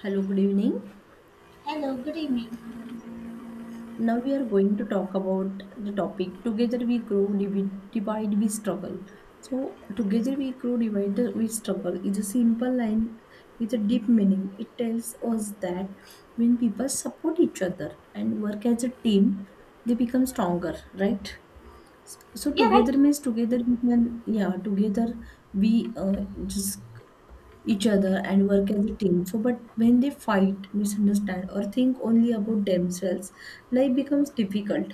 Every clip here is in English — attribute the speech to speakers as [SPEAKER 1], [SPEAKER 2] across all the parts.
[SPEAKER 1] Hello, good evening.
[SPEAKER 2] Hello, good evening.
[SPEAKER 1] Now we are going to talk about the topic Together We Grow, Divide We Struggle. So, Together We Grow, Divide We Struggle is a simple line with a deep meaning. It tells us that when people support each other and work as a team, they become stronger, right? So
[SPEAKER 2] Yeah, right.
[SPEAKER 1] together means together we can, yeah, together we just each other and work as a team. So, but when they fight, misunderstand, or think only about themselves, life becomes difficult.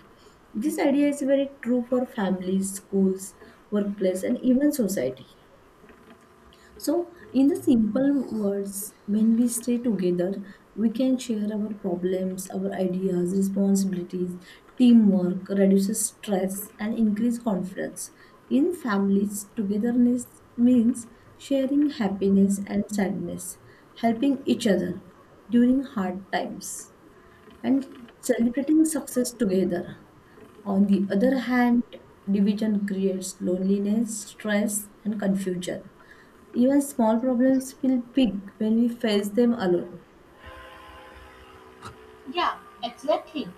[SPEAKER 1] This idea is very true for families, schools, workplace, and even society. So, in the simple words, when we stay together, we can share our problems, our ideas, responsibilities, teamwork, reduces stress, and increase confidence. In families, togetherness means sharing happiness and sadness, helping each other during hard times, and celebrating success together. On the other hand, division creates loneliness, stress, and confusion. Even small problems feel big when we face them alone.
[SPEAKER 2] Yeah, exactly.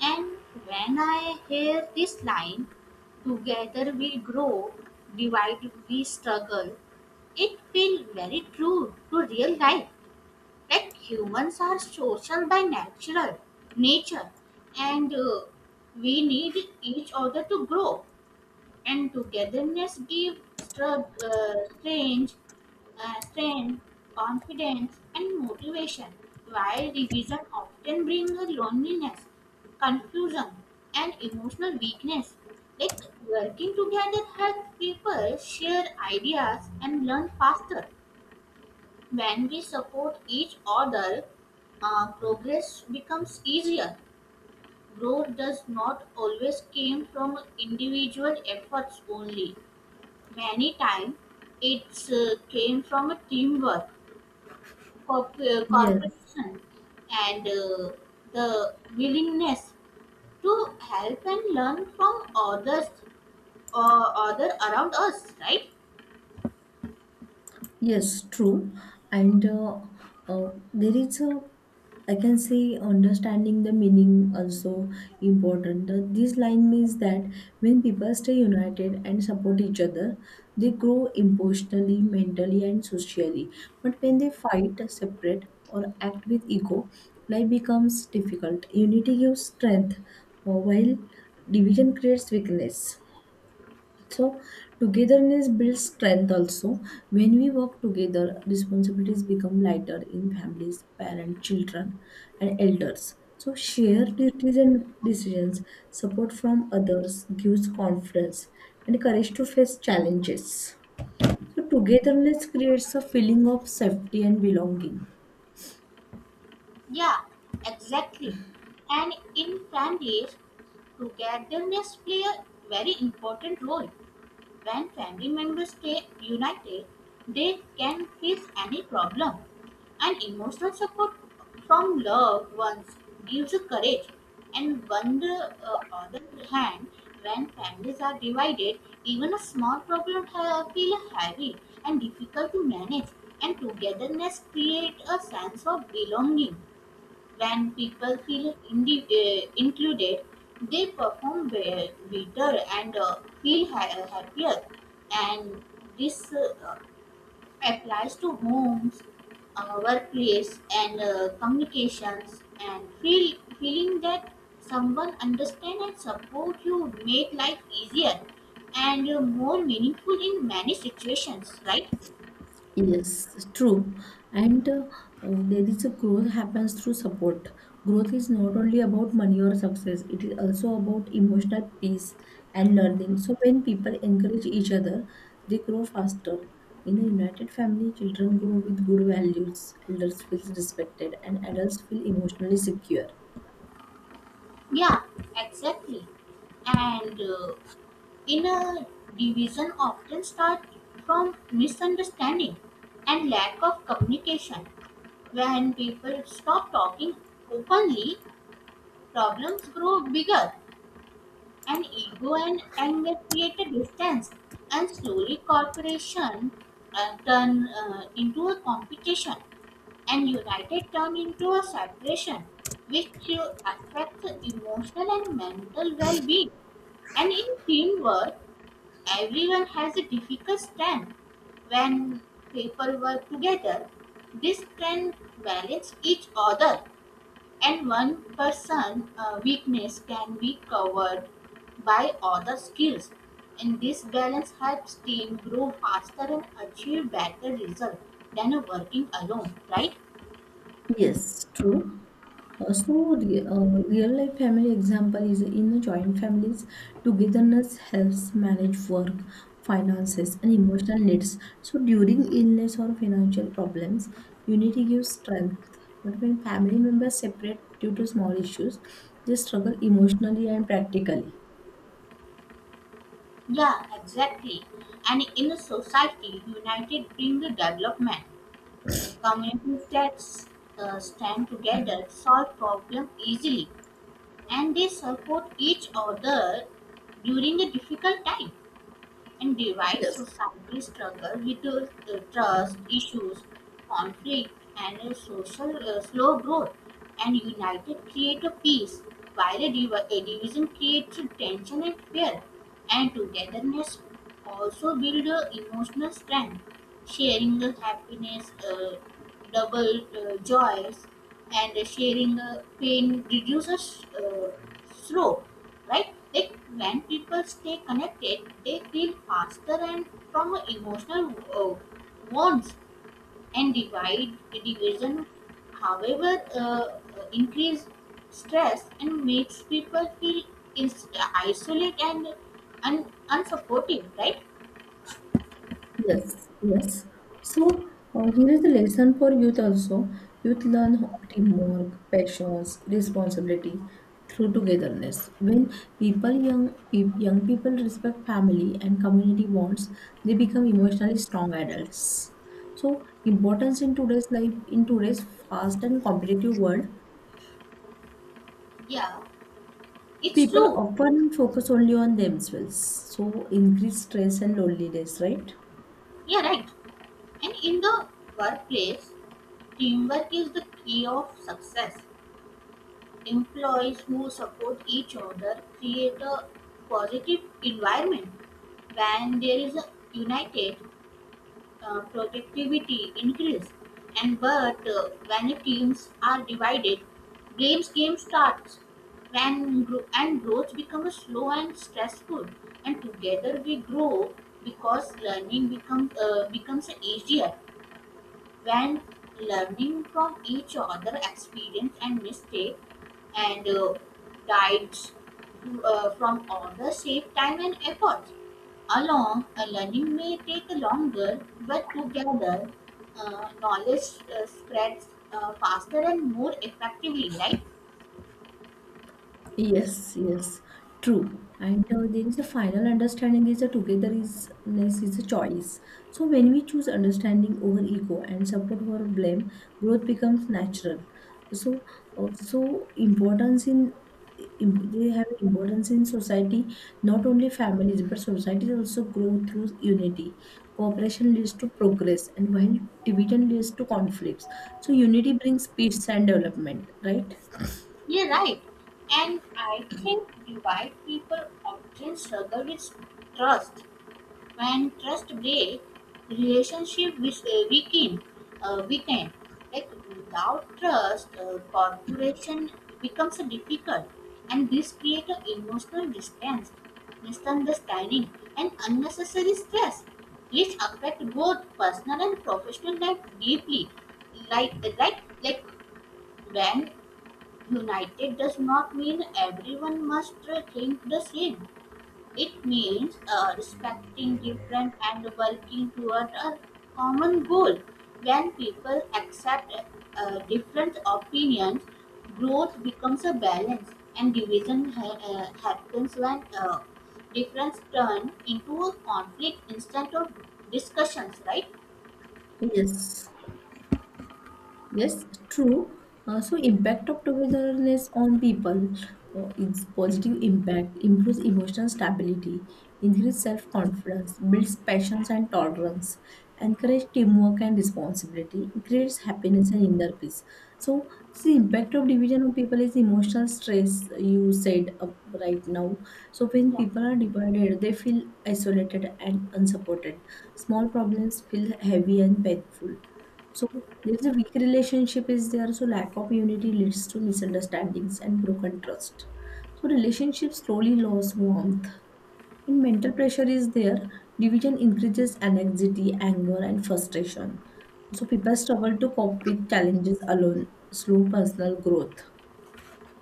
[SPEAKER 2] And when I hear this line, together we grow, divide we struggle, it feels very true to real life. Like humans are social by natural nature, and we need each other to grow. And togetherness gives stra- strange strength, confidence, and motivation, while revision often brings loneliness, confusion, and emotional weakness. Like working together helps people share ideas and learn faster. When we support each other, progress becomes easier. Growth does not always came from individual efforts only. Many times, it came from a teamwork
[SPEAKER 1] Yes,
[SPEAKER 2] corporation and the willingness to help and learn from others or other around us, right?
[SPEAKER 1] yes, true. And uh, there is a, I can say, understanding the meaning also important. This line means that when people stay united and support each other, they grow emotionally, mentally, and socially. But when they fight, separate, or act with ego, life becomes difficult. Unity gives strength, while division creates weakness. So togetherness builds strength also. When we work together, responsibilities become lighter in families, parents, children, and elders. So shared duties and decisions, support from others gives confidence and courage to face challenges. So togetherness creates a feeling of safety and belonging.
[SPEAKER 2] Yeah, exactly. And in families, togetherness play a very important role. When family members stay united, they can face any problem. And emotional support from loved ones gives courage. And on the other hand, when families are divided, even a small problem feel heavy and difficult to manage. And togetherness create a sense of belonging. When people feel included, they perform better and feel happier. And this applies to homes, workplace, and communications. And feeling that someone understands and support you make life easier and more meaningful in many situations. Right?
[SPEAKER 1] Yes, true. And There is a growth happens through support. Growth is not only about money or success, it is also about emotional peace and learning. So when people encourage each other, they grow faster. In a united family, children grow with good values, elders feel respected, and adults feel emotionally secure.
[SPEAKER 2] Yeah, exactly. And Inner division often starts from misunderstanding and lack of communication. When people stop talking openly, problems grow bigger, and ego and anger create a distance, and slowly cooperation turn into a competition, and united turn into a separation, which affects emotional and mental well-being. And in teamwork, everyone has a difficult stand. When people work together, this can balance each other, and one person's weakness can be covered by other skills. And this balance helps team grow faster and achieve better results than working alone, right?
[SPEAKER 1] Yes, true. So, re- uh, real life family example is in joint families, togetherness helps manage work, finances, and emotional needs. So, during illness or financial problems, unity gives strength. But when family members separate due to small issues, they struggle emotionally and practically.
[SPEAKER 2] Yeah, exactly. And in a society, united bring the development. Communities that stand together solve problems easily and they support each other during a difficult time, and divides
[SPEAKER 1] Yes.
[SPEAKER 2] society struggle with trust issues, conflict, and social slow growth. And united create a peace, while a division creates a tension and fear. And togetherness also build emotional strength, sharing the happiness, double joys, and sharing pain reduces sorrow, right? Like when people stay connected, they feel faster and from emotional wounds and divide division. However, increase stress and makes people feel is isolate and unsupportive, right?
[SPEAKER 1] Yes, yes. So here is a lesson for youth also. Youth learn teamwork, passions, responsibility through togetherness. When people young peop young people respect family and community bonds, they become emotionally strong adults. So importance in today's life, in today's fast and competitive world,
[SPEAKER 2] Yeah, it's
[SPEAKER 1] people
[SPEAKER 2] true.
[SPEAKER 1] often focus only on themselves. So increase stress and loneliness, right?
[SPEAKER 2] Yeah, right. And in the workplace, teamwork is the key of success. Employees who support each other create a positive environment. When there is a united, productivity increase. And but when the teams are divided, blames game starts. And growth becomes slow and stressful. And together we grow because learning becomes easier when learning from each other experience and mistake and guides from other save time and effort, along learning may take longer but together knowledge spreads faster and more effectively, right?
[SPEAKER 1] Yes, yes, true. And There is a final understanding is a togetherness is a choice. So when we choose understanding over ego and support over blame, growth becomes natural. So importance in they have importance in society, not only families but societies also grow through unity. Cooperation leads to progress, and while division leads to conflicts. So unity brings peace and development, right?
[SPEAKER 2] Yeah, right. And I think divide people often struggle with trust. When trust breaks, relationship with weaken, like without trust corporation becomes difficult, and this create an emotional distance, misunderstanding, and unnecessary stress, which affect both personal and professional life deeply. Like when united does not mean everyone must think the same, it means respecting different and working toward a common goal. When people accept different opinions, growth becomes a balance, and division happens when difference turn into a conflict instead of discussions. Right?
[SPEAKER 1] Yes. Yes, true. So impact of togetherness on people, its positive impact improves emotional stability, increases self-confidence, builds passions and tolerance, encourages teamwork and responsibility, creates happiness and inner peace. So the impact of division of people is emotional stress. You said right now. So when
[SPEAKER 2] Yeah.
[SPEAKER 1] people are divided, they feel isolated and unsupported. Small problems feel heavy and painful, so there's a weak relationship is there. So lack of unity leads to misunderstandings and broken trust. So relationships slowly lose warmth. And mental pressure is there. Division increases anxiety, anger, and frustration. So people struggle to cope with challenges alone, slow personal growth,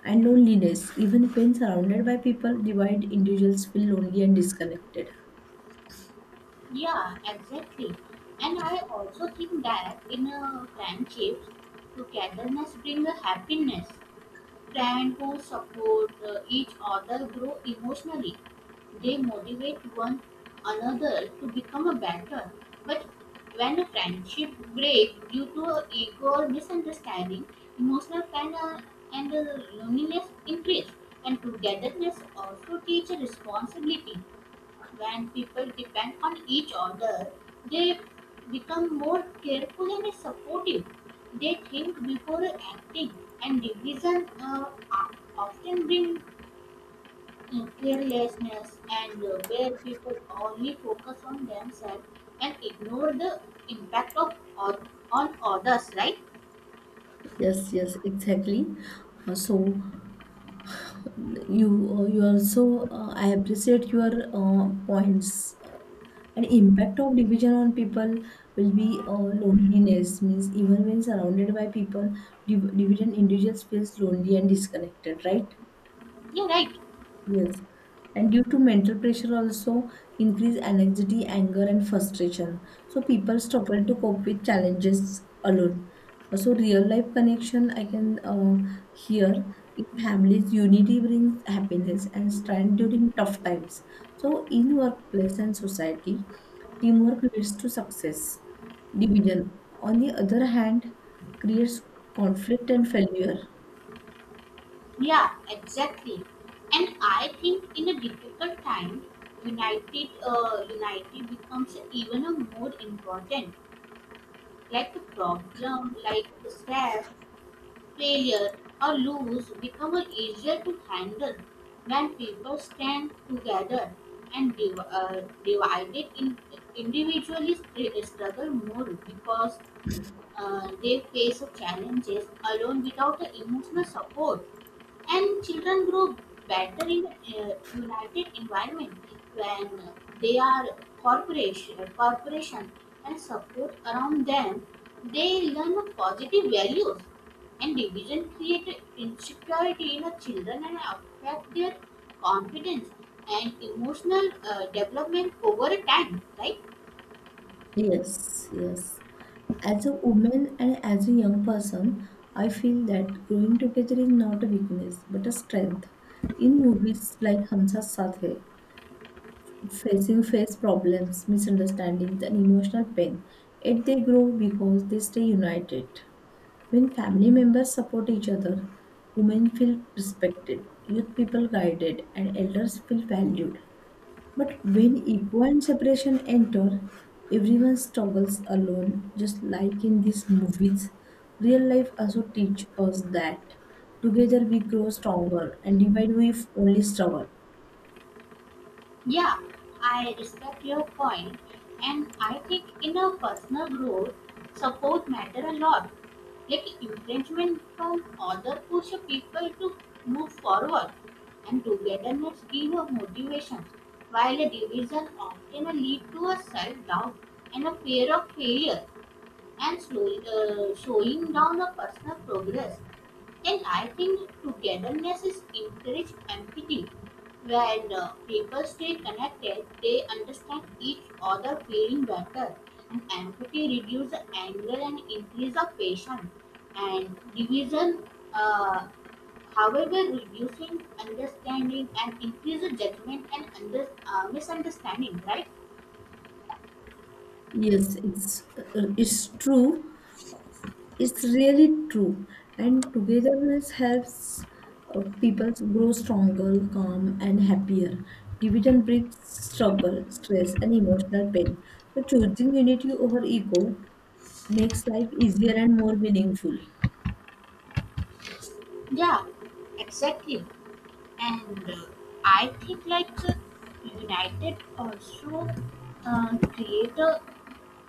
[SPEAKER 1] and loneliness. Even when surrounded by people, divided individuals feel lonely and disconnected.
[SPEAKER 2] Yeah. Exactly. And I also think that in a friendship, togetherness brings a happiness. Friend who support each other grow emotionally. They motivate one another to become a better. But when a friendship breaks due to ego or misunderstanding, emotional pain and loneliness increase, and togetherness also teaches responsibility. When people depend on each other, they become more careful and supportive. They think before acting, and division often bring carelessness and where people only focus on themselves and ignore the impact on others. Right?
[SPEAKER 1] Yes, yes, exactly. So you you also I appreciate your points. An impact of division on people will be loneliness means even when surrounded by people, division individuals feels lonely and disconnected, right?
[SPEAKER 2] You're right.
[SPEAKER 1] Yes, and due to mental pressure also increase anxiety, anger, and frustration. So people struggle to cope with challenges alone. So real life connection I can hear in families unity brings happiness and strength during tough times. So in workplace and society, teamwork leads to success. Division, on the other hand, creates conflict and failure.
[SPEAKER 2] Yeah, exactly. And I think in a difficult time, united becomes even a more important. Like a problem, like stress, failure, or lose become a easier to handle when people stand together, and divided in individually struggle more because they face challenges alone without the emotional support. And children grow better in a united environment when they are corporation and support around them. They learn positive values, and division creates insecurity in the children and affect their confidence and emotional development over time, right?
[SPEAKER 1] Yes, yes. As a woman and as a young person, I feel that growing together is not a weakness but a strength. In movies like Hum Saath Saath Hai, facing face problems, misunderstandings, and emotional pain, yet they grow because they stay united. When family members support each other, women feel respected, youth people guided, and elders feel valued. But when ego and separation enter, everyone struggles alone, just like in these movies. Real life also teach us that together we grow stronger, and divide we only struggle.
[SPEAKER 2] Yeah, I respect your point, and I think in a personal growth, support matter a lot. Like encouragement from other push people to move forward, and togetherness give a motivation. While a division often lead to a self doubt and a fear of failure, and slowing down a personal progress. And I think togetherness is encouraged empathy. When people stay connected, they understand each other feeling better. And empathy reduces anger and increase of patience. And division, uh, however, reducing understanding and increase the judgment and misunderstanding, right?
[SPEAKER 1] It's true. It's really true. And togetherness helps people grow stronger, calm, and happier. Division breeds struggle, stress, and emotional pain. So choosing unity over ego makes life easier and more meaningful.
[SPEAKER 2] Yeah, exactly. And I think like united also creator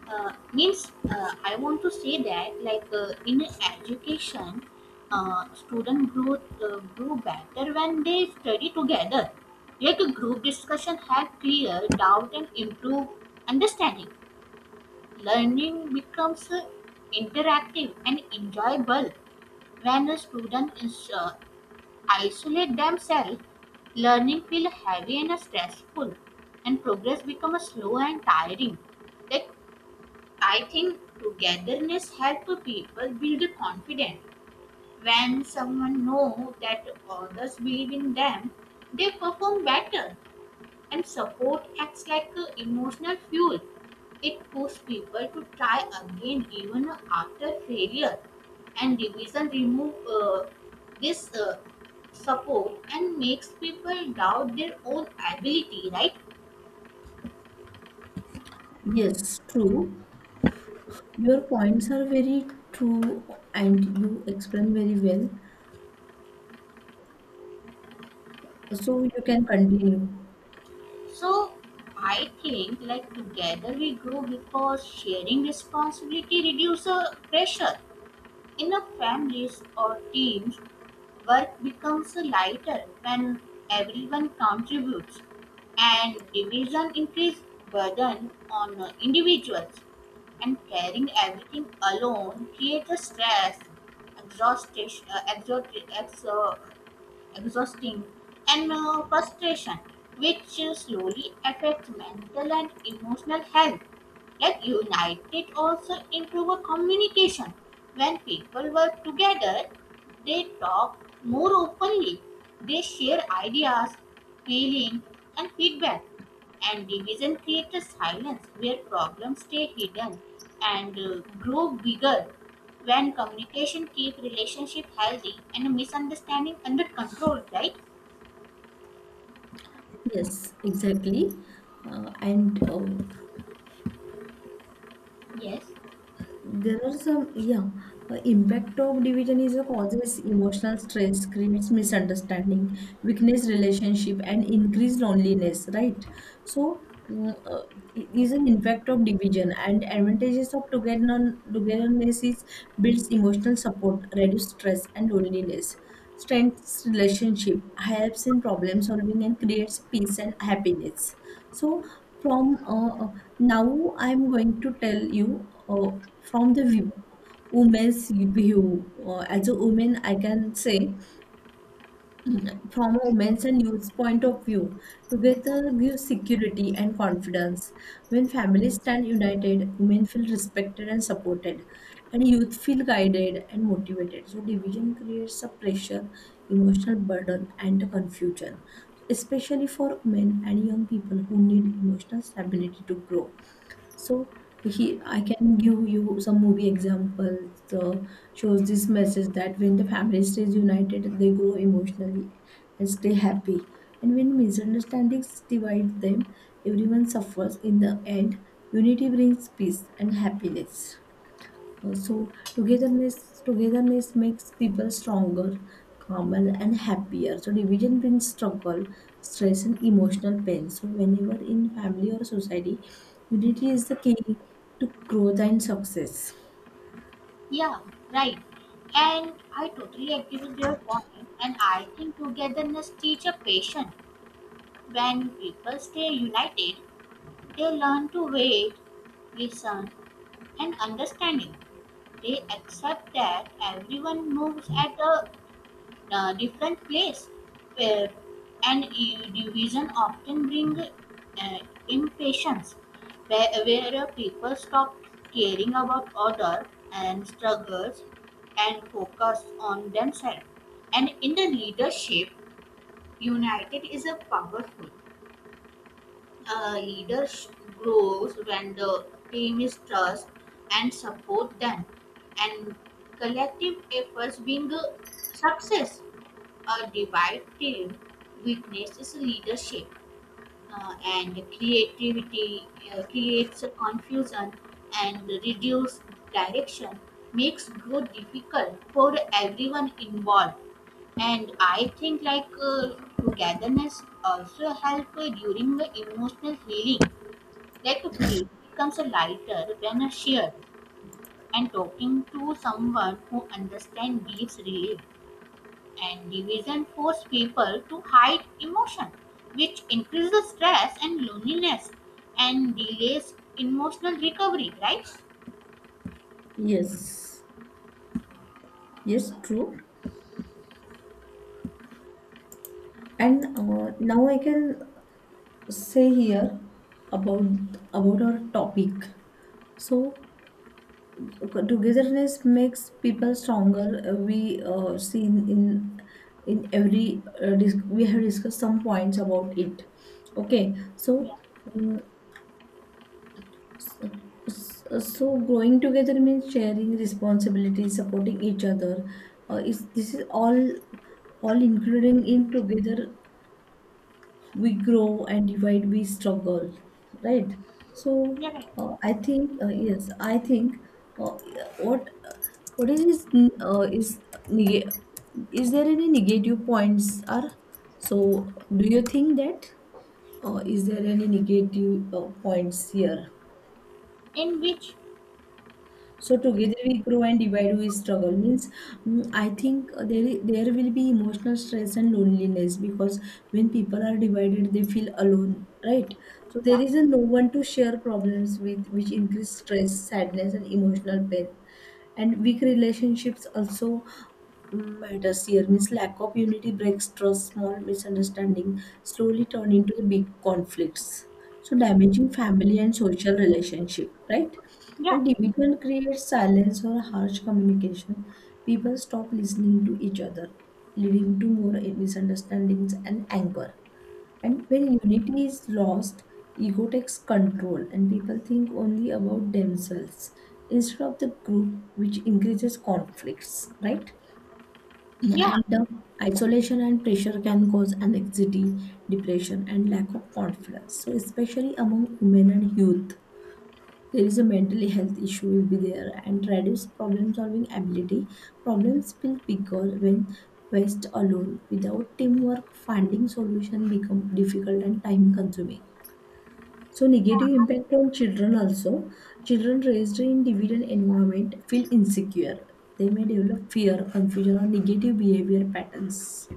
[SPEAKER 2] means I want to say that like in education, student growth grew better when they study together. Like a group discussion help clear doubt and improve understanding. Learning becomes interactive and enjoyable when a student is isolate themselves, learning feel heavy and stressful, and progress becomes slow and tiring. Like I think togetherness helps people build confidence. When someone know that others believe in them, they perform better. And support acts like a emotional fuel. It pushes people to try again even after failure. And division remove this support and makes people doubt their own ability, right?
[SPEAKER 1] Yes, true. Your points are very true and you explain very well. So you can continue.
[SPEAKER 2] So I think like together we grow because sharing responsibility reduces pressure in a families or teams. Work becomes lighter when everyone contributes, and division increases burden on individuals. And carrying everything alone creates a stress, exhaustion, uh, exhaust, exhaust, exhausting, and frustration, which slowly affects mental and emotional health. Like united also improve communication. When people work together, they talk more openly. They share ideas, feelings, and feedback. And division creates a silence where problems stay hidden and grow bigger when communication keep relationship healthy and misunderstanding under control, right?
[SPEAKER 1] Yes, exactly. And
[SPEAKER 2] Yes.
[SPEAKER 1] There are some, yeah, impact of division is a causes emotional stress, creates misunderstanding, weakness relationship, and increased loneliness, right? So, mm, uh, it is an impact of division and advantages of togetherness. Togetherness is builds emotional support, reduce stress and loneliness. Strengths relationship, helps in problem solving, and creates peace and happiness. So, from now, I'm going to tell you from the view, woman's view. As a woman, I can say from a women's and youth's point of view together gives security and confidence. When families stand united, women feel respected and supported, and youth feel guided and motivated. So, division creates a pressure, emotional burden, and confusion, especially for men and young people who need emotional stability to grow. So he, I can give you some movie examples. Shows this message that when the family stays united, they grow emotionally and stay happy. And when misunderstandings divide them, everyone suffers. In the end, unity brings peace and happiness. So togetherness makes people stronger, calmer and happier. So division brings struggle, stress and emotional pain. So whenever in family or society, unity is the key to growth and success.
[SPEAKER 2] Yeah, right. And I totally agree with your point. And I think togetherness teach a patience. When people stay united, they learn to wait, listen, and understanding. They accept that everyone moves at a different place, where, and division often bring impatience, where people stop caring about others and struggles and focus on themselves. And in the leadership, united is a powerful leader. Grows when the team is trust and support them, and collective efforts being a success. A divided team weakness is leadership and creativity, creates a confusion and reduces direction, makes growth difficult for everyone involved. And I think like togetherness also help during the emotional healing. Like a pain becomes a lighter when a shared, and talking to someone who understands gives relief, and division force people to hide emotion, which increases stress and loneliness and delays emotional recovery, right?
[SPEAKER 1] Yes, yes, true. And now I can say here about about our topic. So togetherness makes people stronger, we seen in every we have discussed some points about it. Okay, so
[SPEAKER 2] Yeah,
[SPEAKER 1] mm, so so growing together means sharing responsibilities, supporting each other, is this is all including in together we grow and divide we struggle, right? So
[SPEAKER 2] yeah, right.
[SPEAKER 1] I think I think, uh, what what is neg- is there any negative points are, so do you think that is there any negative points here?
[SPEAKER 2] In which,
[SPEAKER 1] So together we grow and divide we struggle means, I think there will be emotional stress and loneliness because when people are divided they feel alone, right? So there
[SPEAKER 2] yeah,
[SPEAKER 1] is a no one to share problems with, which increase stress, sadness, and emotional pain. And weak relationships also matters here means lack of unity breaks trust, small misunderstanding slowly turn into the big conflicts, so damaging family and social relationship, right?
[SPEAKER 2] yeah,
[SPEAKER 1] And division creates silence or harsh communication, people stop listening to each other, leading to more misunderstandings and anger. And when unity is lost, ego takes control and people think only about themselves instead of the group, which increases conflicts, right?
[SPEAKER 2] yeah,
[SPEAKER 1] And the isolation and pressure can cause anxiety, depression, and lack of confidence. So, especially among women and youth, there is a mental health issue will be there and reduce problem solving ability, problems feel bigger when faced alone, without teamwork finding solution become difficult and time consuming. So negative
[SPEAKER 2] yeah,
[SPEAKER 1] impact on children also, children raised in dividend environment feel insecure, they may develop fear, confusion, or negative behavior patterns.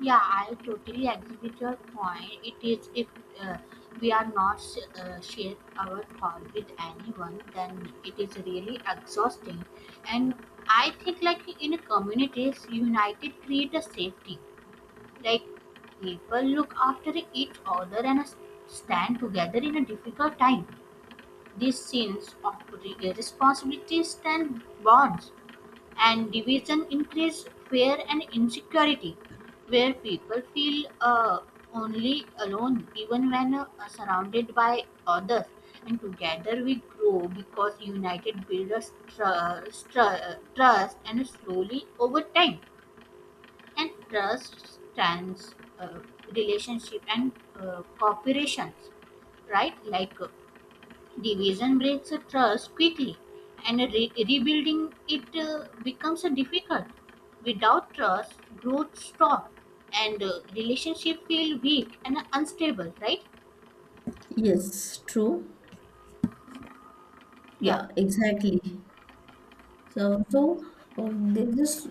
[SPEAKER 2] yeah, I totally agree with your point. It is if uh, we are not share our thought with anyone, then it is really exhausting. And I think like in communities, united create a safety, like people look after each other and stand together in a difficult time. These scenes of responsibility stand bonds, and division increase fear and insecurity, where people feel only alone even when surrounded by others. And together we grow because united builds trust, and slowly over time, and trust trans relationship and cooperations, right? Like division breaks a trust quickly, and rebuilding it becomes a difficult. Without trust growth stop, and relationship feel weak and unstable, right?
[SPEAKER 1] Yes, true.
[SPEAKER 2] Yeah.
[SPEAKER 1] Yeah, exactly. So, so there's this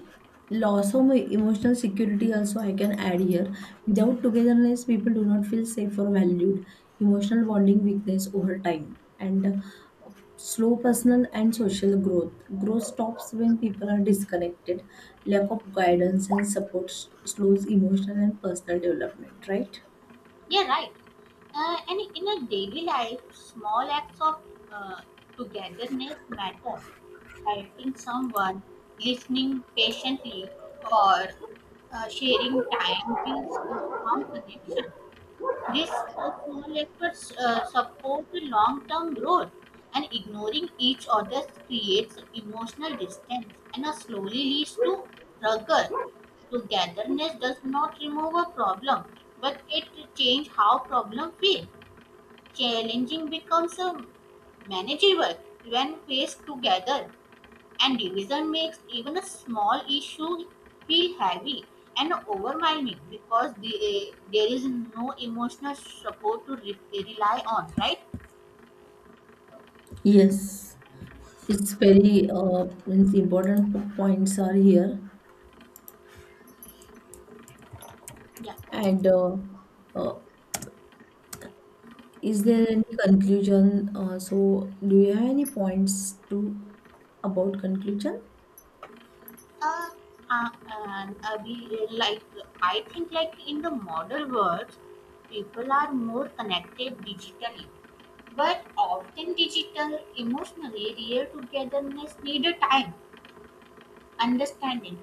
[SPEAKER 1] loss of emotional security also I can add here. Without togetherness, people do not feel safe or valued. Emotional bonding weakness over time and slow personal and social growth. Growth stops when people are disconnected. Lack of guidance and support slows emotional and personal development. Right?
[SPEAKER 2] Yeah, right. And in a daily life, small acts of uh, togetherness matter. Helping someone, listening patiently, or sharing time builds a strong connection. These small efforts support the long-term growth, and ignoring each other creates emotional distance and slowly leads to struggle. Togetherness does not remove a problem, but it changes how problems feel. Challenging becomes a manageable when faced together, and division makes even a small issue feel heavy and overwhelming because there is no emotional support to rely on, right?
[SPEAKER 1] Yes, it's very means important points are here
[SPEAKER 2] Yeah.
[SPEAKER 1] and. Uh, Is there any conclusion? So, do you have any points to about conclusion?
[SPEAKER 2] Uh, like I think, like in the modern world, people are more connected digitally, but often digital emotionally real togetherness need a time understanding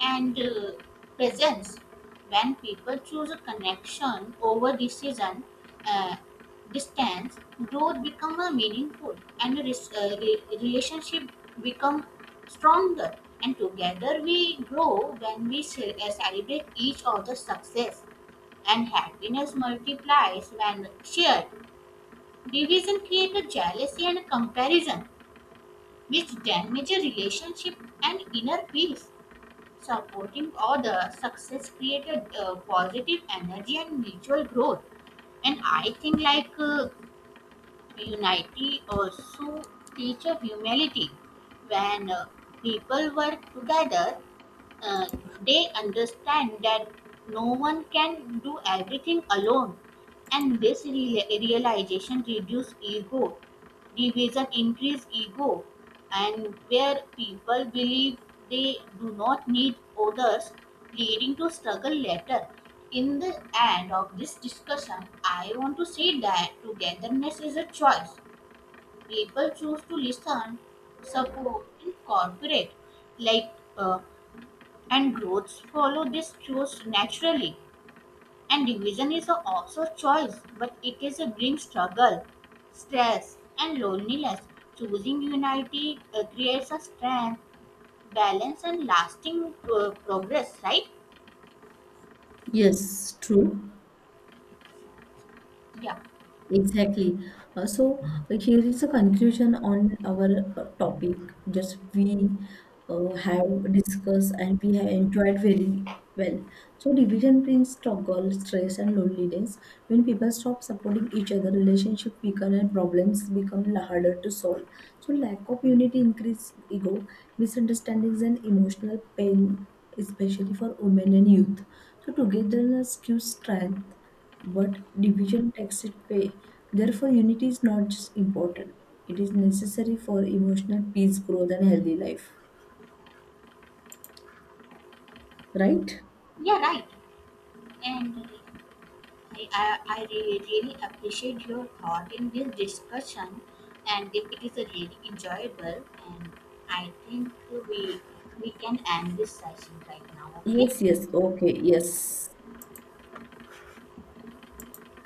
[SPEAKER 2] and presence. When people choose a connection over decision uh, distance, growth become a meaningful and re- relationship become stronger. And together we grow when we celebrate each other's success, and happiness multiplies when shared. Division creates jealousy and comparison which damages relationship and inner peace. Supporting other success created positive energy and mutual growth. And I think like unity also teaches humility. When people work together, uh, they understand that no one can do everything alone, and this realization reduce ego. Division increase ego, and where people believe they do not need others, leading to struggle later. In the end of this discussion, I want to say that togetherness is a choice. People choose to listen, support, and cooperate, like, uh, and growths follow this choice naturally. And division is a- also choice, but it is a brings struggle, stress, and loneliness. Choosing unity creates a strength, balance, and lasting progress. Right?
[SPEAKER 1] Yes, true.
[SPEAKER 2] Yeah.
[SPEAKER 1] Exactly. Here is a conclusion on our topic. Just we have discussed and we have enjoyed very well. So division brings struggle, stress, and loneliness. When people stop supporting each other, relationship weaken and problems become harder to solve. So lack of unity increase ego, misunderstandings, and emotional pain, especially for women and youth. So togetherness gives strength but division takes it away. Therefore, unity is not just important, it is necessary for emotional peace, growth, and healthy life. Right?
[SPEAKER 2] Yeah. Right. And I really appreciate your thought in this discussion, and it is a really enjoyable. And I think we we can end this session right now. Okay.
[SPEAKER 1] Yes, yes, okay, yes.